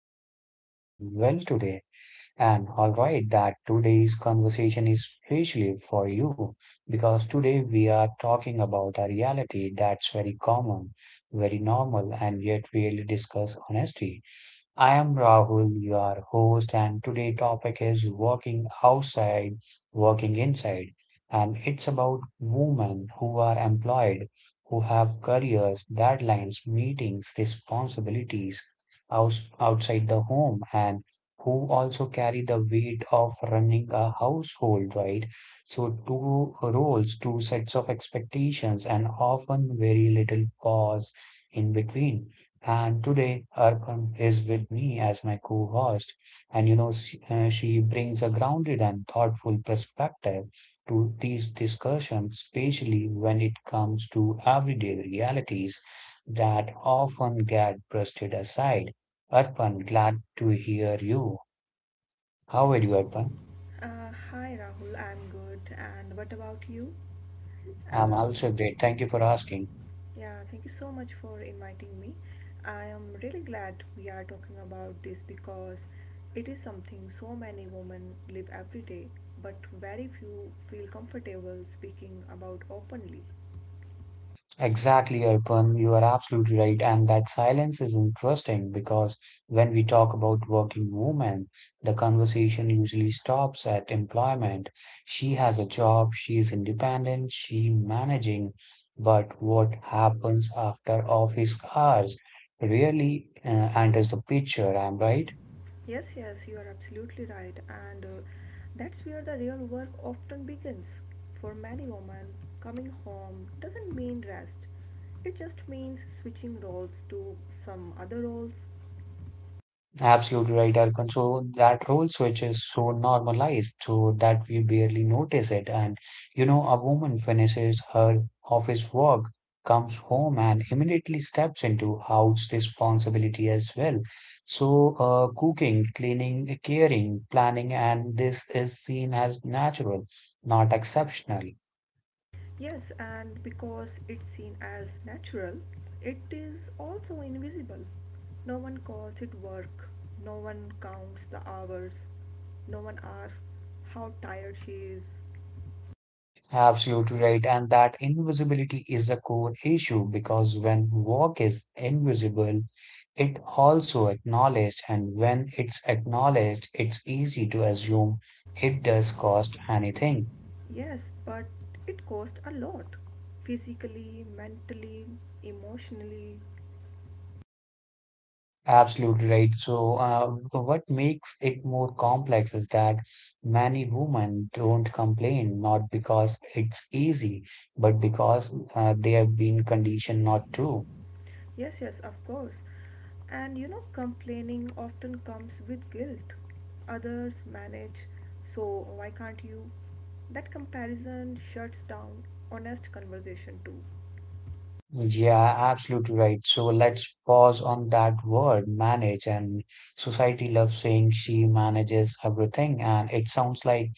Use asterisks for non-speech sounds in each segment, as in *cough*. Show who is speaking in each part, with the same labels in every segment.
Speaker 1: I hope you are doing well today. And all right, that today's conversation is especially for you because today we are talking about a reality that's very common, very normal, and yet really discuss honesty. I am Rahul, your host, and today topic is working outside, working inside, and it's about women who are employed, who have careers, deadlines, meetings, responsibilities outside the home, and who also carry the weight of running a household, right? So two roles, two sets of expectations, and often very little pause in between. And today, Arpan is with me as my co-host, and she brings a grounded and thoughtful perspective to these discussions, especially when it comes to everyday realities that often get brushed aside. Arpan, glad to hear you. How are you, Arpan?
Speaker 2: Hi Rahul, I'm good. And what about you?
Speaker 1: I'm
Speaker 2: Uh,
Speaker 1: also great. Thank you for asking.
Speaker 2: yeah, Thank you so much for inviting me. I am really glad we are talking about this because it is something so many women live every day, but very few feel comfortable speaking about openly.
Speaker 1: Exactly, Arpan. You are absolutely right. And that silence is interesting because when we talk about working women, the conversation usually stops at employment. She has a job, she is independent, she managing. But what happens after office hours really, enters the picture. I'm right.
Speaker 2: Yes, yes, you are absolutely right, and that's where the real work often begins. For many women, coming home doesn't mean rest, it just means switching roles to some other roles.
Speaker 1: Absolutely right, Arkan. So that role switch is so normalized so that we barely notice it. And you know, a woman finishes her office work, comes home, and immediately steps into house responsibility as well. So, cooking, cleaning, caring, planning, and this is seen as natural, not exceptional.
Speaker 2: Yes, and because it's seen as natural, it is also invisible. No one calls it work, no one counts the hours, no one asks how tired she is.
Speaker 1: Absolutely right. And that invisibility is a core issue because when work is invisible, it also acknowledged. And when it's acknowledged, it's easy to assume it does cost anything.
Speaker 2: Yes, but it cost a lot. Physically, mentally, emotionally.
Speaker 1: Absolutely right. So, what makes it more complex is that many women don't complain, not because it's easy, but because they have been conditioned not to.
Speaker 2: Yes, yes, of course. And you know, complaining often comes with guilt. Others manage, so why can't you? That comparison shuts down honest conversation too.
Speaker 1: Yeah, absolutely right. So let's pause on that word manage. And society loves saying she manages everything, and it sounds like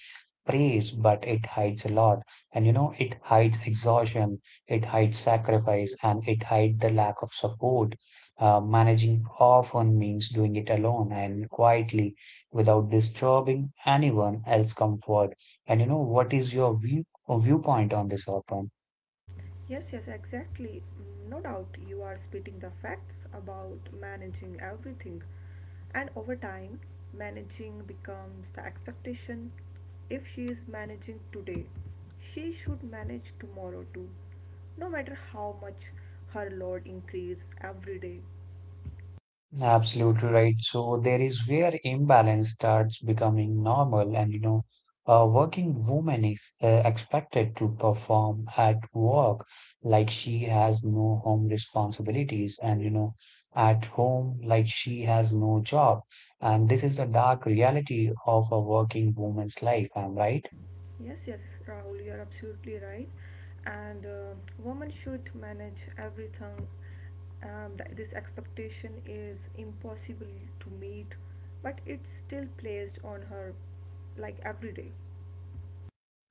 Speaker 1: praise, but it hides a lot. And you know, it hides exhaustion, it hides sacrifice, and it hides the lack of support. Managing often means doing it alone and quietly without disturbing anyone else's comfort. And you know, what is your viewpoint on this, Arpan?
Speaker 2: Yes, yes, exactly. No doubt you are spitting the facts about managing everything. And over time, managing becomes the expectation. If she is managing today, she should manage tomorrow too, no matter how much her load increases every day.
Speaker 1: Absolutely right. So there is where imbalance starts becoming normal, and you know, a working woman is expected to perform at work like she has no home responsibilities, and you know, at home like she has no job. And this is the dark reality of a working woman's life, am right?
Speaker 2: Yes, yes, Rahul, you are absolutely right. And women should manage everything. This expectation is impossible to meet, but it's still placed on her like every day.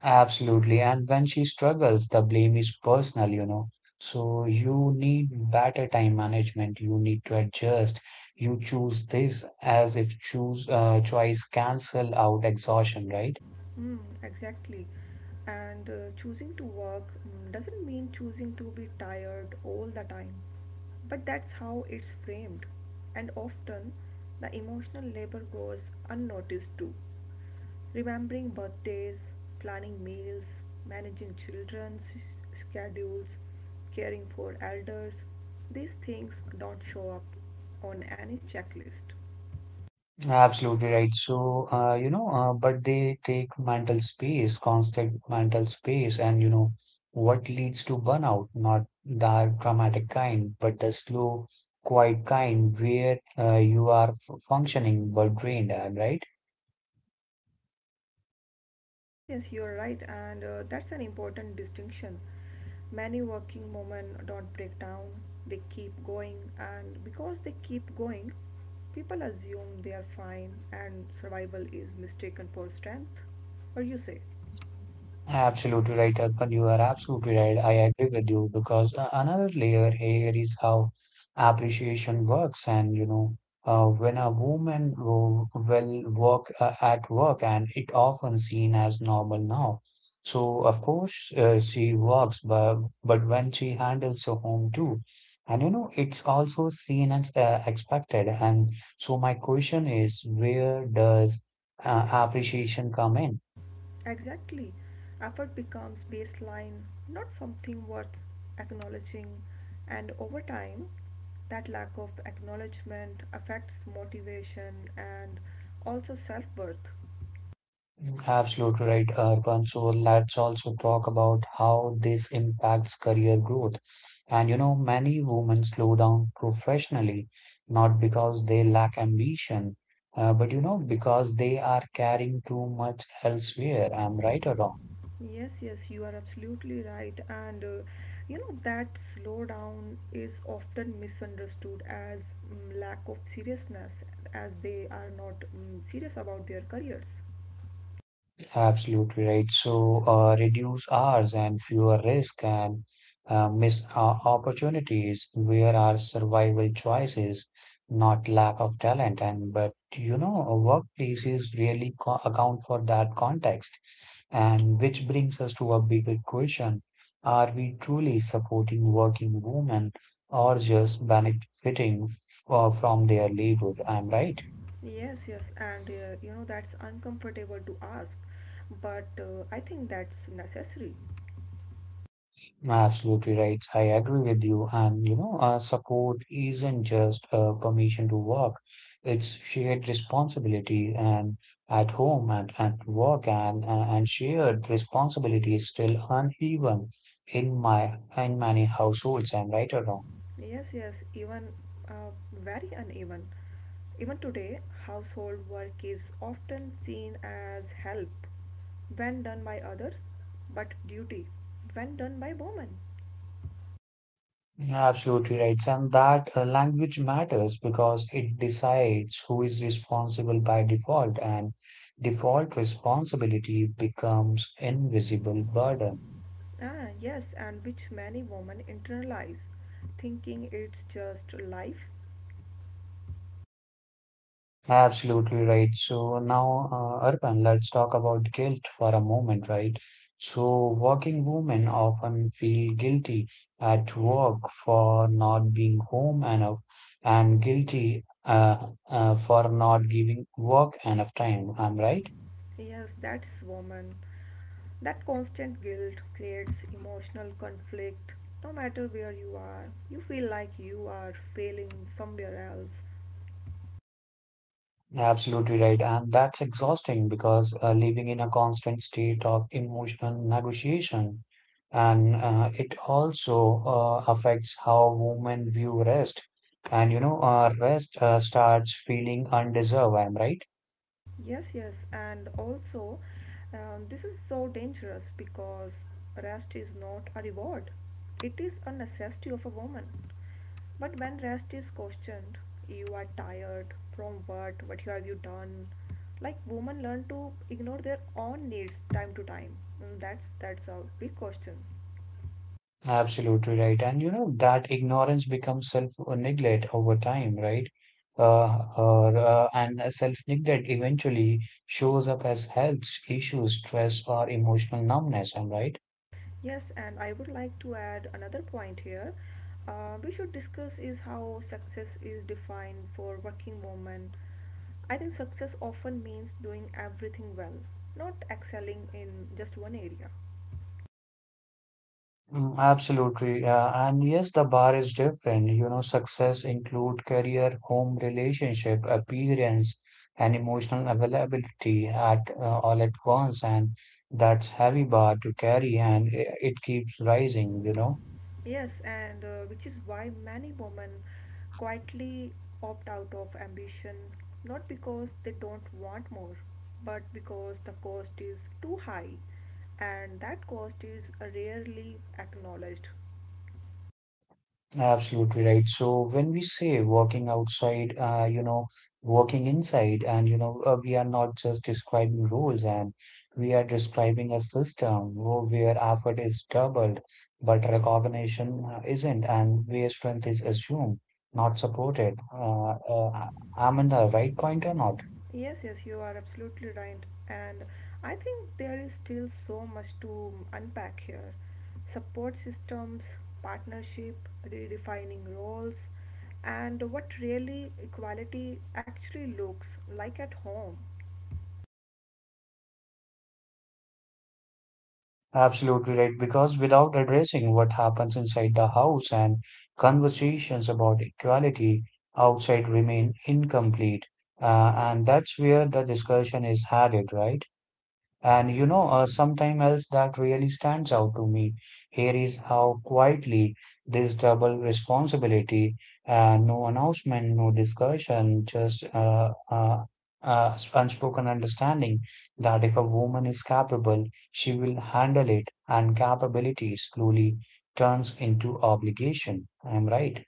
Speaker 1: Absolutely. And when she struggles, the blame is personal, you know. So you need better time management. You need to adjust. You choose this as if choose choice cancel out exhaustion, right?
Speaker 2: Exactly. And choosing to work doesn't mean choosing to be tired all the time, but that's how it's framed. And often, the emotional labor goes unnoticed too. Remembering birthdays, planning meals, managing schedules, caring for elders, these things don't show up on any checklist.
Speaker 1: Absolutely right. So, but they take mental space, constant mental space, and you know what leads to burnout, not the dramatic kind, but the slow, quiet kind where you are f functioning but drained, right?
Speaker 2: Yes, yes, you are right, and that's an important distinction. Many working women don't break down, they keep going, and because they keep going, people assume they are fine and survival is mistaken for strength. Or you say,
Speaker 1: Absolutely right, Arpan. You are absolutely right. I agree with you because another layer here is how appreciation works. And, you know, when a woman will work at work, and it often seen as normal now. So, of course, she works, but when she handles her home too, and you know, it's also seen as expected. And so, my question is, where does appreciation come in?
Speaker 2: exactly, effort becomes baseline, not something worth acknowledging, and over time, that lack of acknowledgement affects motivation and also self worth.
Speaker 1: Absolutely right, Arpan. So let's also talk about how this impacts career growth. And you know, many women slow down professionally, not because they lack ambition, but you know, because they are carrying too much elsewhere. I'm right or wrong?
Speaker 2: Yes, yes, you are absolutely right. And you know that slowdown is often misunderstood as lack of seriousness, as they are not serious about their careers.
Speaker 1: Absolutely right. So reduce hours and fewer risk and miss opportunities. Where are survival choices, not lack of talent? And but you know, workplaces really account for that context. And which brings us to a bigger question: Are we truly supporting working women or just benefiting from their labor? I'm right.
Speaker 2: Yes, yes, and you know that's uncomfortable to ask, but I think that's necessary.
Speaker 1: Absolutely right. I agree with you. And you know, support isn't just permission to work, it's shared responsibility and at home and at work and shared responsibility is still uneven in many households. I'm right or wrong?
Speaker 2: Yes, yes, even very uneven. Even today, household work is often seen as help when done by others, but duty when done by women.
Speaker 1: Absolutely right. And that language matters because it decides who is responsible by default, and default responsibility becomes invisible burden.
Speaker 2: Yes, and which many women internalize, thinking it's just life.
Speaker 1: Absolutely right. So now, Arpan, let's talk about guilt for a moment, right? So working women often feel guilty at work for not being home enough and guilty for not giving work enough time. I'm right?
Speaker 2: Yes, that's woman. That constant guilt creates emotional conflict. No matter where you are, you feel like you are failing somewhere else.
Speaker 1: Absolutely right. And that's exhausting because living in a constant state of emotional negotiation. And it also affects how women view rest. And you know, rest starts feeling undeserved. I'm right.
Speaker 2: Yes, yes, and also this is so dangerous because rest is not a reward, it is a necessity of a woman. But when rest is questioned, you are tired from what have you done? Like women learn to ignore their own needs time to time. And that's a big question.
Speaker 1: Absolutely right. And you know, that ignorance becomes self neglect over time, right? And self neglect eventually shows up as health issues, stress, or emotional numbness. I'm right.
Speaker 2: Yes, and I would like to add another point here. We should discuss is how success is defined for working women. I think success often means doing everything well, not excelling in just one area.
Speaker 1: Mm, absolutely. Yeah. And yes, the bar is different. You know, success include career, home, relationship, appearance, and emotional availability at all at once. And that's heavy bar to carry, and it keeps rising, you know.
Speaker 2: Yes, and which is why many women quietly opt out of ambition, not because they don't want more, but because the cost is too high, and that cost is rarely acknowledged.
Speaker 1: Absolutely right. So when we say working outside, you know, working inside, and you know, we are not just describing roles, and we are describing a system where effort is doubled, but recognition isn't, and where strength is assumed, not supported. I'm in the right point or not?
Speaker 2: Yes, yes, you are absolutely right. And I think there is still so much to unpack here. Support systems, partnership, redefining roles, and what really equality actually looks like at home.
Speaker 1: Absolutely right, because without addressing what happens inside the house and conversations about equality outside remain incomplete. And that's where the discussion is headed, right? And you know, sometime else that really stands out to me here is how quietly this double responsibility, no announcement, no discussion, just unspoken understanding that if a woman is capable, she will handle it, and capability slowly turns into obligation. I'm right.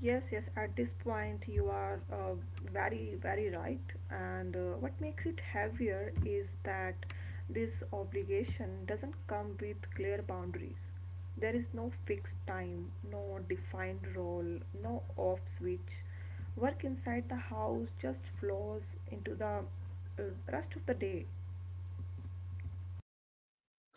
Speaker 2: Yes, yes, at this point you are very, very right. And what makes it heavier is that this obligation doesn't come with clear boundaries. There is no fixed time, no defined role, no off switch. Work inside the house just flows into the uh, rest of the day.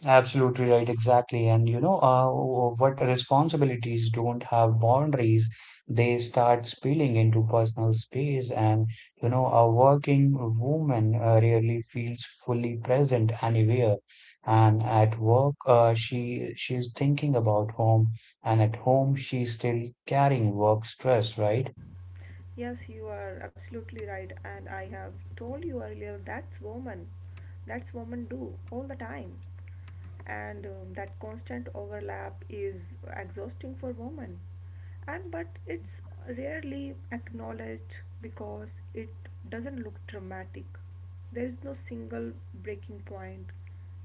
Speaker 1: Absolutely right, exactly. And you know, what responsibilities don't have boundaries, they start spilling into personal space. And you know, a working woman rarely feels fully present anywhere. And at work, she's thinking about home, and at home, she's still carrying work stress, right?
Speaker 2: Yes, you are absolutely right, and I have told you earlier that's woman. That's woman do all the time, and that constant overlap is exhausting for women. And but it's rarely acknowledged because it doesn't look dramatic. There is no single breaking point,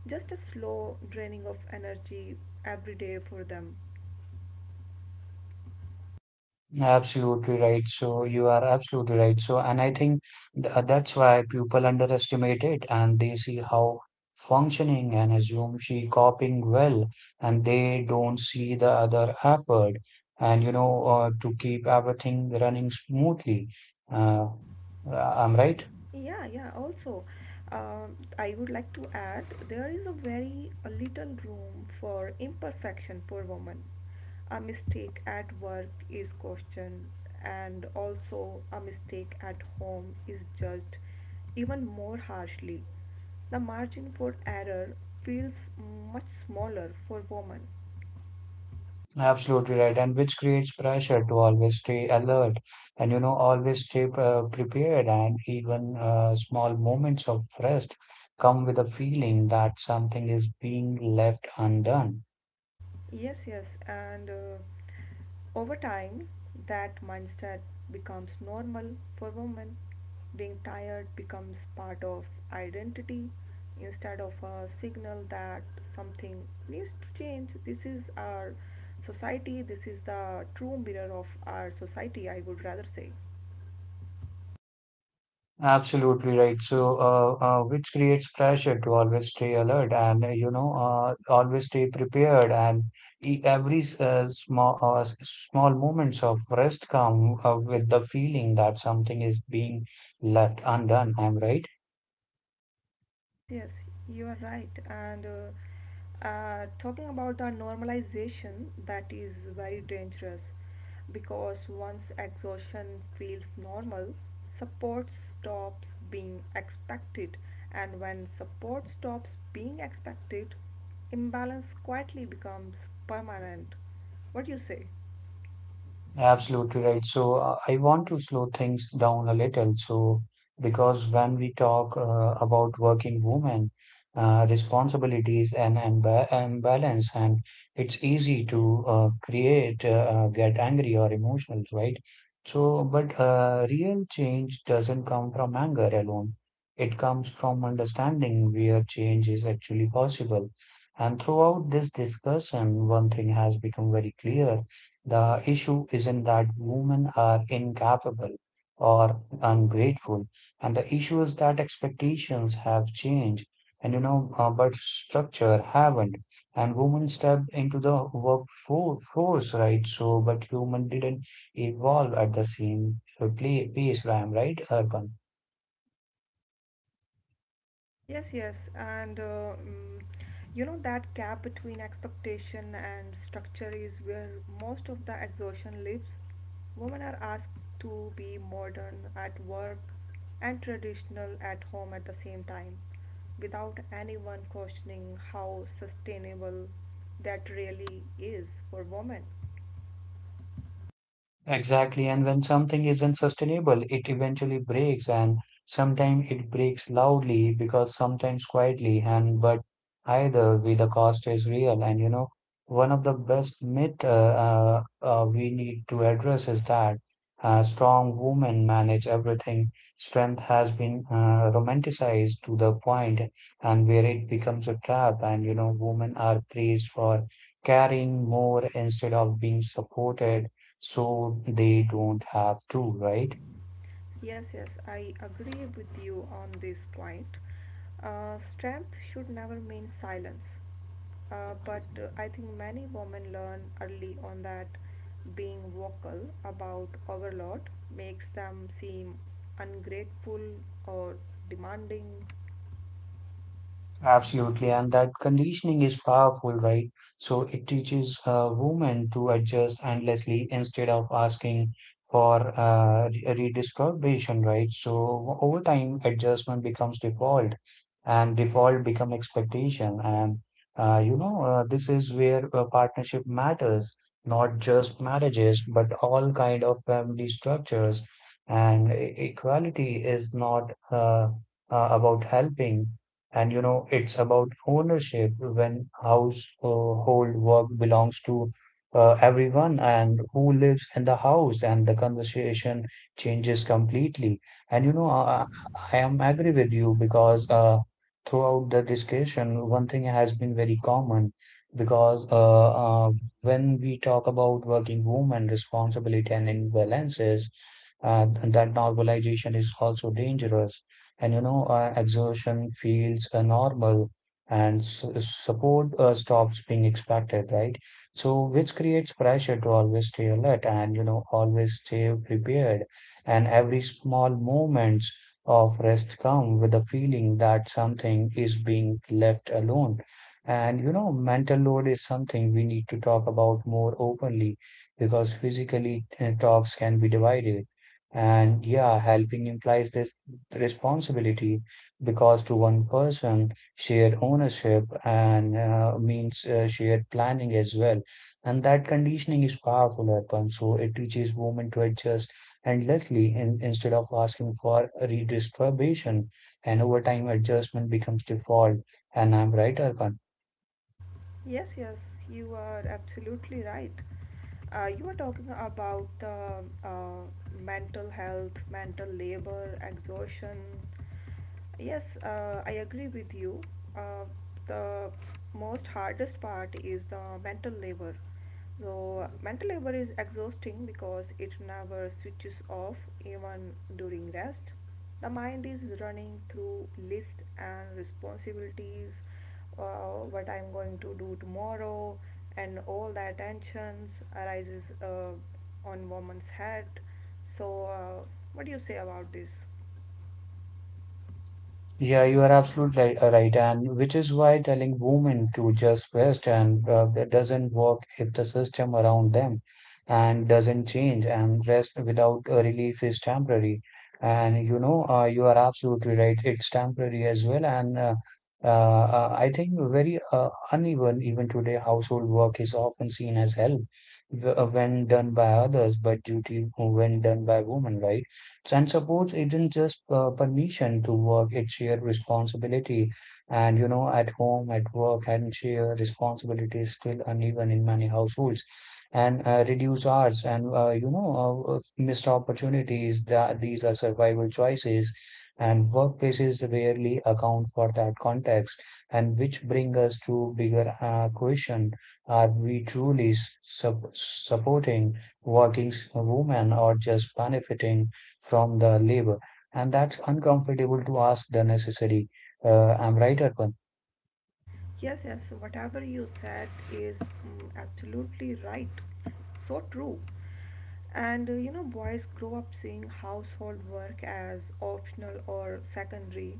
Speaker 2: just a slow draining of energy every day for them.
Speaker 1: Absolutely right. So you are absolutely right. So, and I think th that's why people underestimate it and they see how functioning and assume she coping well and they don't see the other effort and you know to keep everything running smoothly. Uh, I'm right.
Speaker 2: Yeah, yeah. Also, I would like to add there is a very a little room for imperfection for women. A mistake at work is questioned, and also a mistake at home is judged even more harshly. The margin for error feels much smaller for women.
Speaker 1: Absolutely right, and which creates pressure to always stay alert and you know always stay prepared. And even small moments of rest come with a feeling that something is being left undone.
Speaker 2: Yes, yes, and over time, that mindset becomes normal for women. Being tired becomes part of identity instead of a signal that something needs to change. This is our society, this is the true mirror of our society, I would rather say.
Speaker 1: Absolutely right. So, which creates pressure to always stay alert and you know always stay prepared. And every small small moments of rest come with the feeling that something is being left undone. I'm right.
Speaker 2: Yes, yes, you are right. And talking about the normalization, that is very dangerous because once exhaustion feels normal, support stops being expected. And when support stops being expected, imbalance quietly becomes permanent. What do you say?
Speaker 1: Absolutely right. So I want to slow things down a little. So because when we talk about working women, responsibilities and imbalance, and it's easy to get angry or emotional, right? So, but real change doesn't come from anger alone. It comes from understanding where change is actually possible. And throughout this discussion, one thing has become very clear the issue isn't that women are incapable or ungrateful, and the issue is that expectations have changed, and you know, but structure haven't. And women stepped into the workforce, right? So, but human didn't evolve at the same pace, Ram, right, Urban?
Speaker 2: Yes, yes, and you know that gap between expectation and structure is where most of the exhaustion lives. Women are asked to be modern at work and traditional at home at the same time, without anyone questioning how sustainable that really is for women.
Speaker 1: Exactly. And when something isn't sustainable, it eventually breaks, and sometimes it breaks loudly because sometimes quietly. And but either way, the cost is real. And you know, one of the best myth we need to address is that strong women manage everything. Strength has been romanticized to the point and where it becomes a trap. And you know, women are praised for carrying more instead of being supported so they don't have to, right?
Speaker 2: Yes, yes, I agree with you on this point. Strength should never mean silence. But I think many women learn early on that being vocal about overload makes them seem ungrateful or demanding.
Speaker 1: Absolutely, and that conditioning is powerful, right? So it teaches women to adjust endlessly instead of asking for redistribution, right? So over time, adjustment becomes default, and default become expectation, and you know this is where a partnership matters, not just marriages, but all kind of family structures. And equality is not about helping. And you know, it's about ownership when household work belongs to everyone and who lives in the house, and the conversation changes completely. And you know, I am agree with you because throughout the discussion, one thing has been very common because when we talk about working women responsibility and imbalances, that normalization is also dangerous. And you know, exertion feels normal and support stops being expected, right? So which creates pressure to always stay alert and you know always stay prepared, and every small moments of rest come with the feeling that something is being left alone. And you know, mental load is something we need to talk about more openly, because physically talks can be divided, and yeah, helping implies this responsibility, because to one person, shared ownership and means shared planning as well. And that conditioning is powerful, Arpan. So it teaches women to adjust endlessly instead of asking for redistribution. And over time, adjustment becomes default. And I'm right, Arpan.
Speaker 2: Yes, yes, you are absolutely right. You were talking about the uh, mental health, mental labor, exhaustion. Yes, I agree with you. Uh, the most hardest part is the mental labor. So, mental labor is exhausting because it never switches off even during rest. The mind is running through lists and responsibilities what I'm going to do tomorrow, and all that tensions arises on woman's head. So, what do you say about this?
Speaker 1: Yeah, you are absolutely right, and which is why telling women to just rest and that doesn't work if the system around them and doesn't change, and rest without a relief is temporary. And you know, you are absolutely right. It's temporary as well, and I think very uneven even today. Household work is often seen as help when done by others, but duty when done by women, right? And support isn't just permission to work, it's your responsibility. And you know, at home, at work, and share responsibility is still uneven in many households. And reduced hours and missed opportunities, that these are survival choices. And workplaces rarely account for that context, and which bring us to bigger question: are we truly supporting working women or just benefiting from the labor, and that's uncomfortable to ask the necessary. I'm right, Arpan?
Speaker 2: Yes, yes, whatever you said is absolutely right. So true. And you know, boys grow up seeing household work as optional or secondary,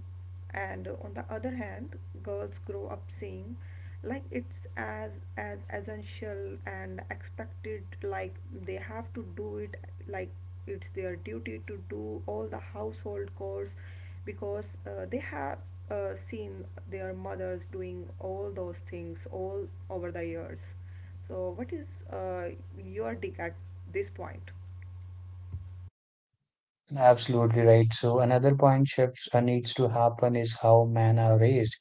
Speaker 2: and on the other hand, girls grow up seeing like it's as essential and expected like they have to do it like it's their duty to do all the household chores because they have seen their mothers doing all those things all over the years. So what is uh, your take at this point?
Speaker 1: Absolutely right. So another point shifts needs to happen is how men are raised.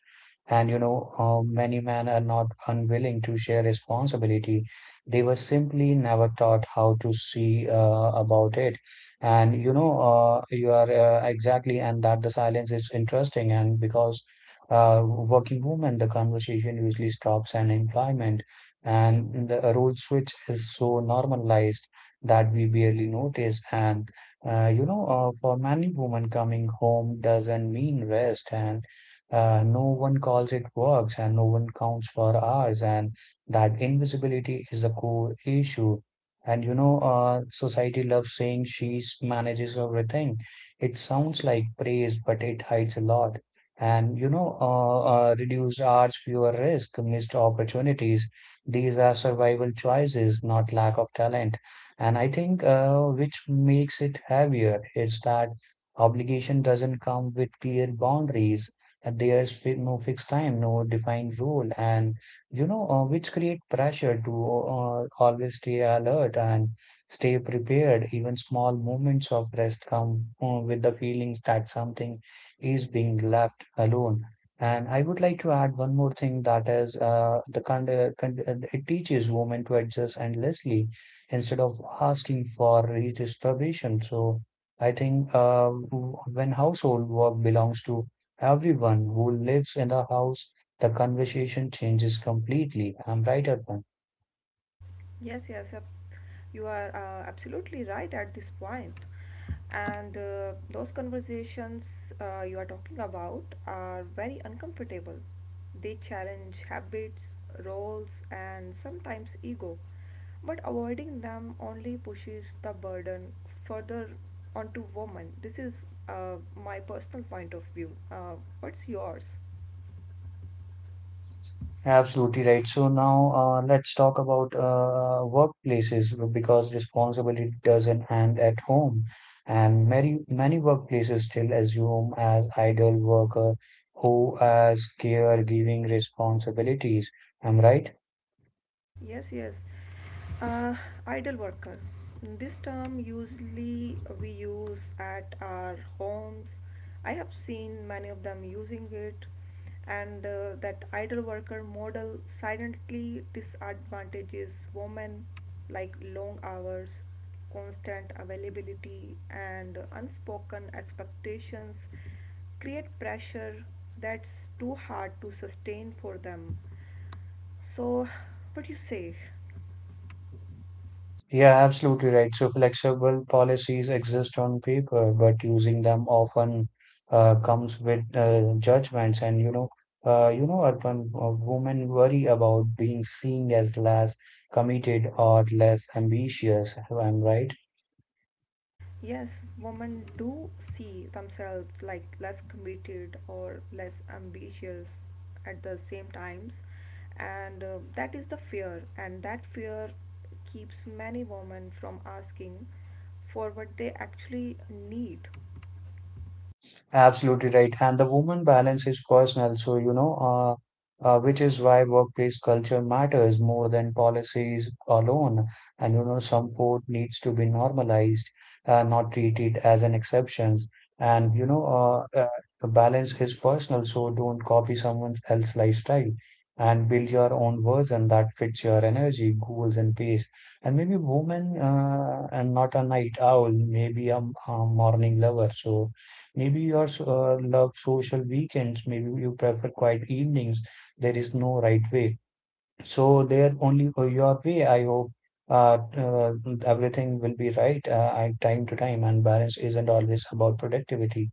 Speaker 1: And you know, many men are not unwilling to share responsibility. They were simply never taught how to see about it. And you know, you are exactly, and that the silence is interesting. And because working women, the conversation usually stops and employment, and the role switch is so normalized that we barely notice. And you know, for many women, coming home doesn't mean rest, and no one calls it works, and no one counts for hours, and that invisibility is the core issue. And you know, society loves saying she manages everything. It sounds like praise, but it hides a lot. And you know, reduced hours, fewer risk, missed opportunities. These are survival choices, not lack of talent. And I think which makes it heavier is that obligation doesn't come with clear boundaries. And there's fi no fixed time, no defined rule, and you know, which create pressure to always stay alert and stay prepared. Even small moments of rest come with the feelings that something is being left alone. And I would like to add one more thing, that is the it teaches women to adjust endlessly instead of asking for redistribution. So I think when household work belongs to everyone who lives in the house, the conversation changes completely. I'm right, Arpan?
Speaker 2: Yes, yes, you are absolutely right at this point. And those conversations you are talking about are very uncomfortable. They challenge habits, roles, and sometimes ego. But avoiding them only pushes the burden further onto women. This is my personal point of view. What's yours?
Speaker 1: Absolutely right. So now let's talk about workplaces, because responsibility doesn't end at home, and many workplaces still assume as idle worker who as caregiving responsibilities. Am I right?
Speaker 2: Yes, yes. Uh, Idle worker. This term usually we use at our homes. I have seen many of them using it, and that idle worker model silently disadvantages women like long hours, constant availability, and unspoken expectations create pressure that's too hard to sustain for them. So, what you say?
Speaker 1: Yeah, absolutely right. So flexible policies exist on paper, but using them often comes with judgments. And you know, urban women worry about being seen as less committed or less ambitious. I'm right?
Speaker 2: Yes, women do see themselves like less committed or less ambitious at the same times, and that is the fear, and that fear keeps many women from asking for what they actually need.
Speaker 1: Absolutely right. And the woman balance is personal. So, you know, which is why workplace culture matters more than policies alone. And you know, support needs to be normalized, not treated as an exception. And you know, uh, uh, the balance is personal. So don't copy someone else's lifestyle, and build your own version that fits your energy, goals, and pace. And maybe woman, and not a night owl, maybe a morning lover. So maybe you also, love social weekends. Maybe you prefer quiet evenings. There is no right way. So there only go your way. I hope uh, uh, everything will be right at time to time, and balance isn't always about productivity.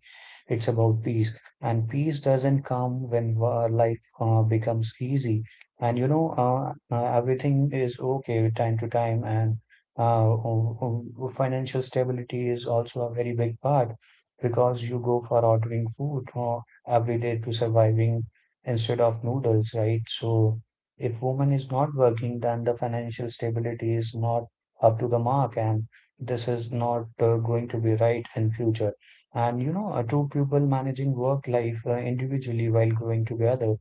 Speaker 1: It's about peace, and peace doesn't come when life becomes easy. And you know, everything is okay with time to time, and uh, um, financial stability is also a very big part, because you go for ordering food every day to surviving instead of noodles, right? So if woman is not working, then the financial stability is not up to the mark, and this is not going to be right in future. And you know, two people managing work life individually while going together,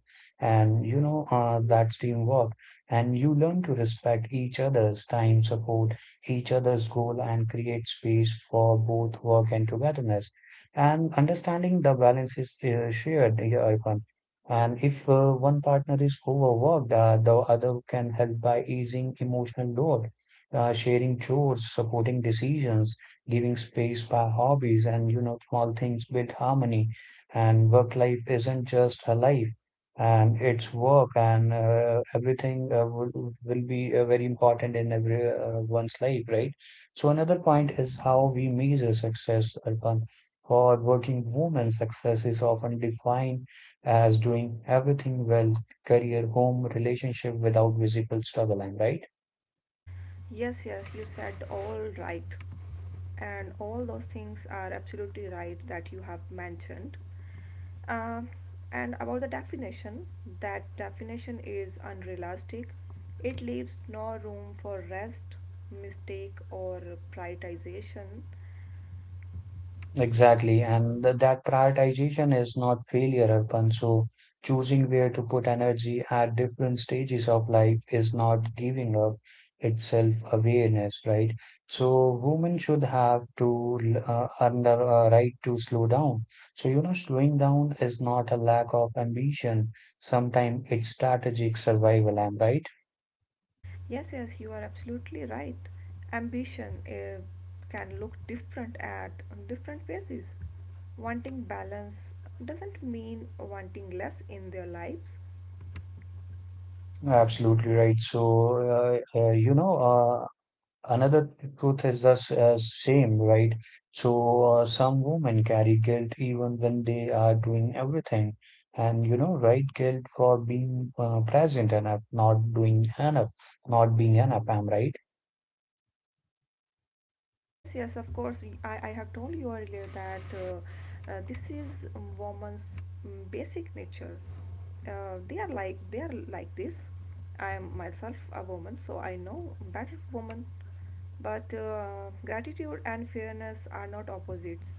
Speaker 1: and you know, that's teamwork, and you learn to respect each other's time, support each other's goal, and create space for both work and togetherness. And understanding the balance is shared here, Arpan. And if one partner is overworked, the other can help by easing emotional load, sharing chores, supporting decisions, giving space by hobbies, and you know, small things build harmony. And work life isn't just a life, and it's work, and everything will be very important in every one's life, right? So another point is how we measure success, Arpan. For working women, success is often defined as doing everything well: career, home, relationship without visible struggle, and right?
Speaker 2: Yes, yes, you said all right. And all those things are absolutely right that you have mentioned. Um, and about the definition, that definition is unrealistic. It leaves no room for rest, mistake, or prioritization.
Speaker 1: Exactly. And that prioritization is not failure, Arpan. So choosing where to put energy at different stages of life is not giving up. It's self-awareness, right? So women should have to earn the right to slow down. So you know, slowing down is not a lack of ambition. Sometimes it's strategic survival, am I right?
Speaker 2: Yes, yes, you are absolutely right. Ambition can look different at different phases. Wanting balance doesn't mean wanting less in their lives.
Speaker 1: Absolutely right. So, you know, another truth is the same, right? So some women carry guilt even when they are doing everything. And you know, right, guilt for being present enough, not doing enough, not being enough. I'm right?
Speaker 2: Yes, yes, of course. I have told you earlier that this is woman's basic nature. They are like this. I am myself a woman, so I know better woman. But gratitude and fairness are not opposites.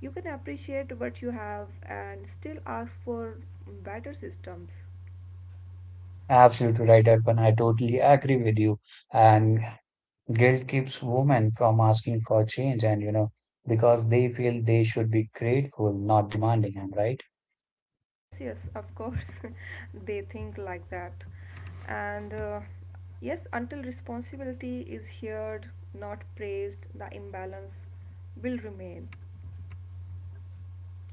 Speaker 2: You can appreciate what you have and still ask for better systems.
Speaker 1: Absolutely right, Arpan. I totally agree with you. And guilt keeps women from asking for change, and you know, because they feel they should be grateful, not demanding. I'm right?
Speaker 2: Yes, yes, of course, *laughs* they think like that. And yes, until responsibility is heard, not praised, the imbalance will remain.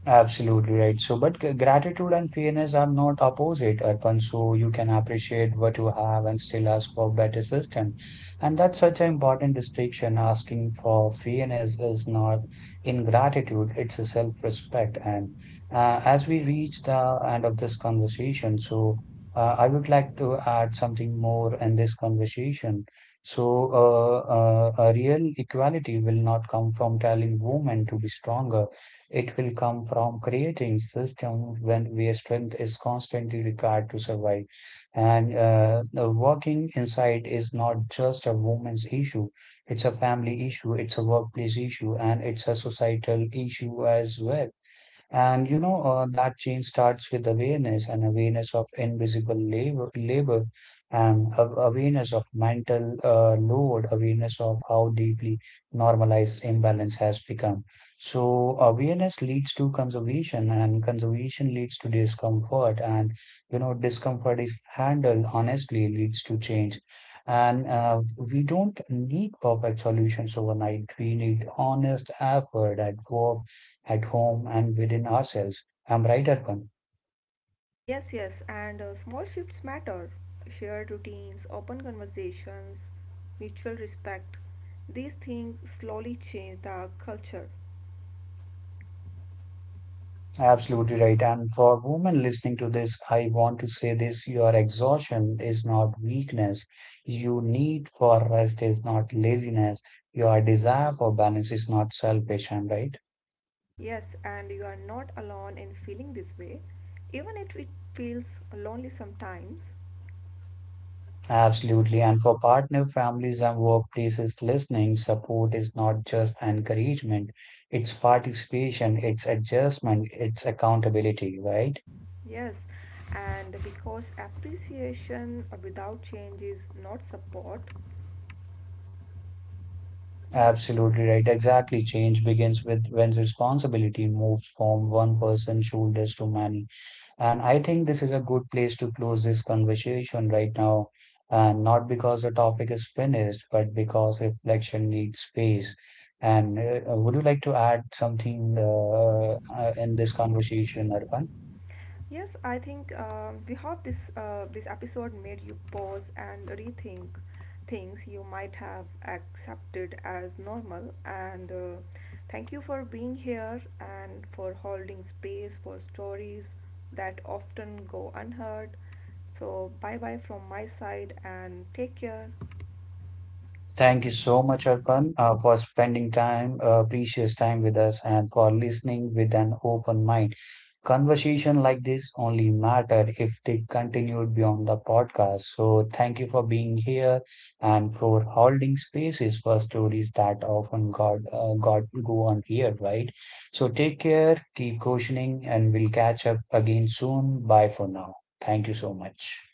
Speaker 1: Absolutely right. So, but gratitude and fairness are not opposite, Arpan. So you can appreciate what you have and still ask for better system. And that's such an important distinction. Asking for fairness is not ingratitude; it's a self-respect. And as we reach the end of this conversation, so I would like to add something more in this conversation. So, a real equality will not come from telling women to be stronger, it will come from creating systems when where strength is constantly required to survive. And working inside is not just a woman's issue; it's a family issue, it's a workplace issue, and it's a societal issue as well. And you know, that change starts with awareness, and awareness of invisible labor, and awareness of mental load, awareness of how deeply normalized imbalance has become. So awareness leads to conservation, and conservation leads to discomfort. And you know, discomfort, if handled honestly, leads to change. And we don't need perfect solutions overnight, we need honest effort at work, at home, and within ourselves. I'm right, Arpan?
Speaker 2: Yes, yes, and small shifts matter. Shared routines, open conversations, mutual respect. These things slowly change the culture.
Speaker 1: Absolutely right. And for women listening to this, I want to say this: your exhaustion is not weakness. Your need for rest is not laziness. Your desire for balance is not selfish. I'm right?
Speaker 2: Yes, and you are not alone in feeling this way, even if it feels lonely sometimes.
Speaker 1: Absolutely. And for partner families and workplaces listening, support is not just encouragement, it's participation, it's adjustment, it's accountability, right?
Speaker 2: Yes, and because appreciation without change is not support. Well,
Speaker 1: Absolutely right. Exactly. Change begins with when responsibility moves from one person's shoulders to many. And I think this is a good place to close this conversation right now. And not because the topic is finished, but because reflection needs space. And would you like to add something in this conversation, Arpan?
Speaker 2: yes, I think we hope this this episode made you pause and rethink things you might have accepted as normal. And thank you for being here and for holding space for stories that often go unheard. So bye bye from my side and take care.
Speaker 1: Thank you so much, Arpan, for spending time, precious time with us, and for listening with an open mind. Conversation like this only matter if they continued beyond the podcast. So thank you for being here and for holding spaces for stories that often got go unheard, right? So take care, keep questioning, and we'll catch up again soon. Bye for now. Thank you so much.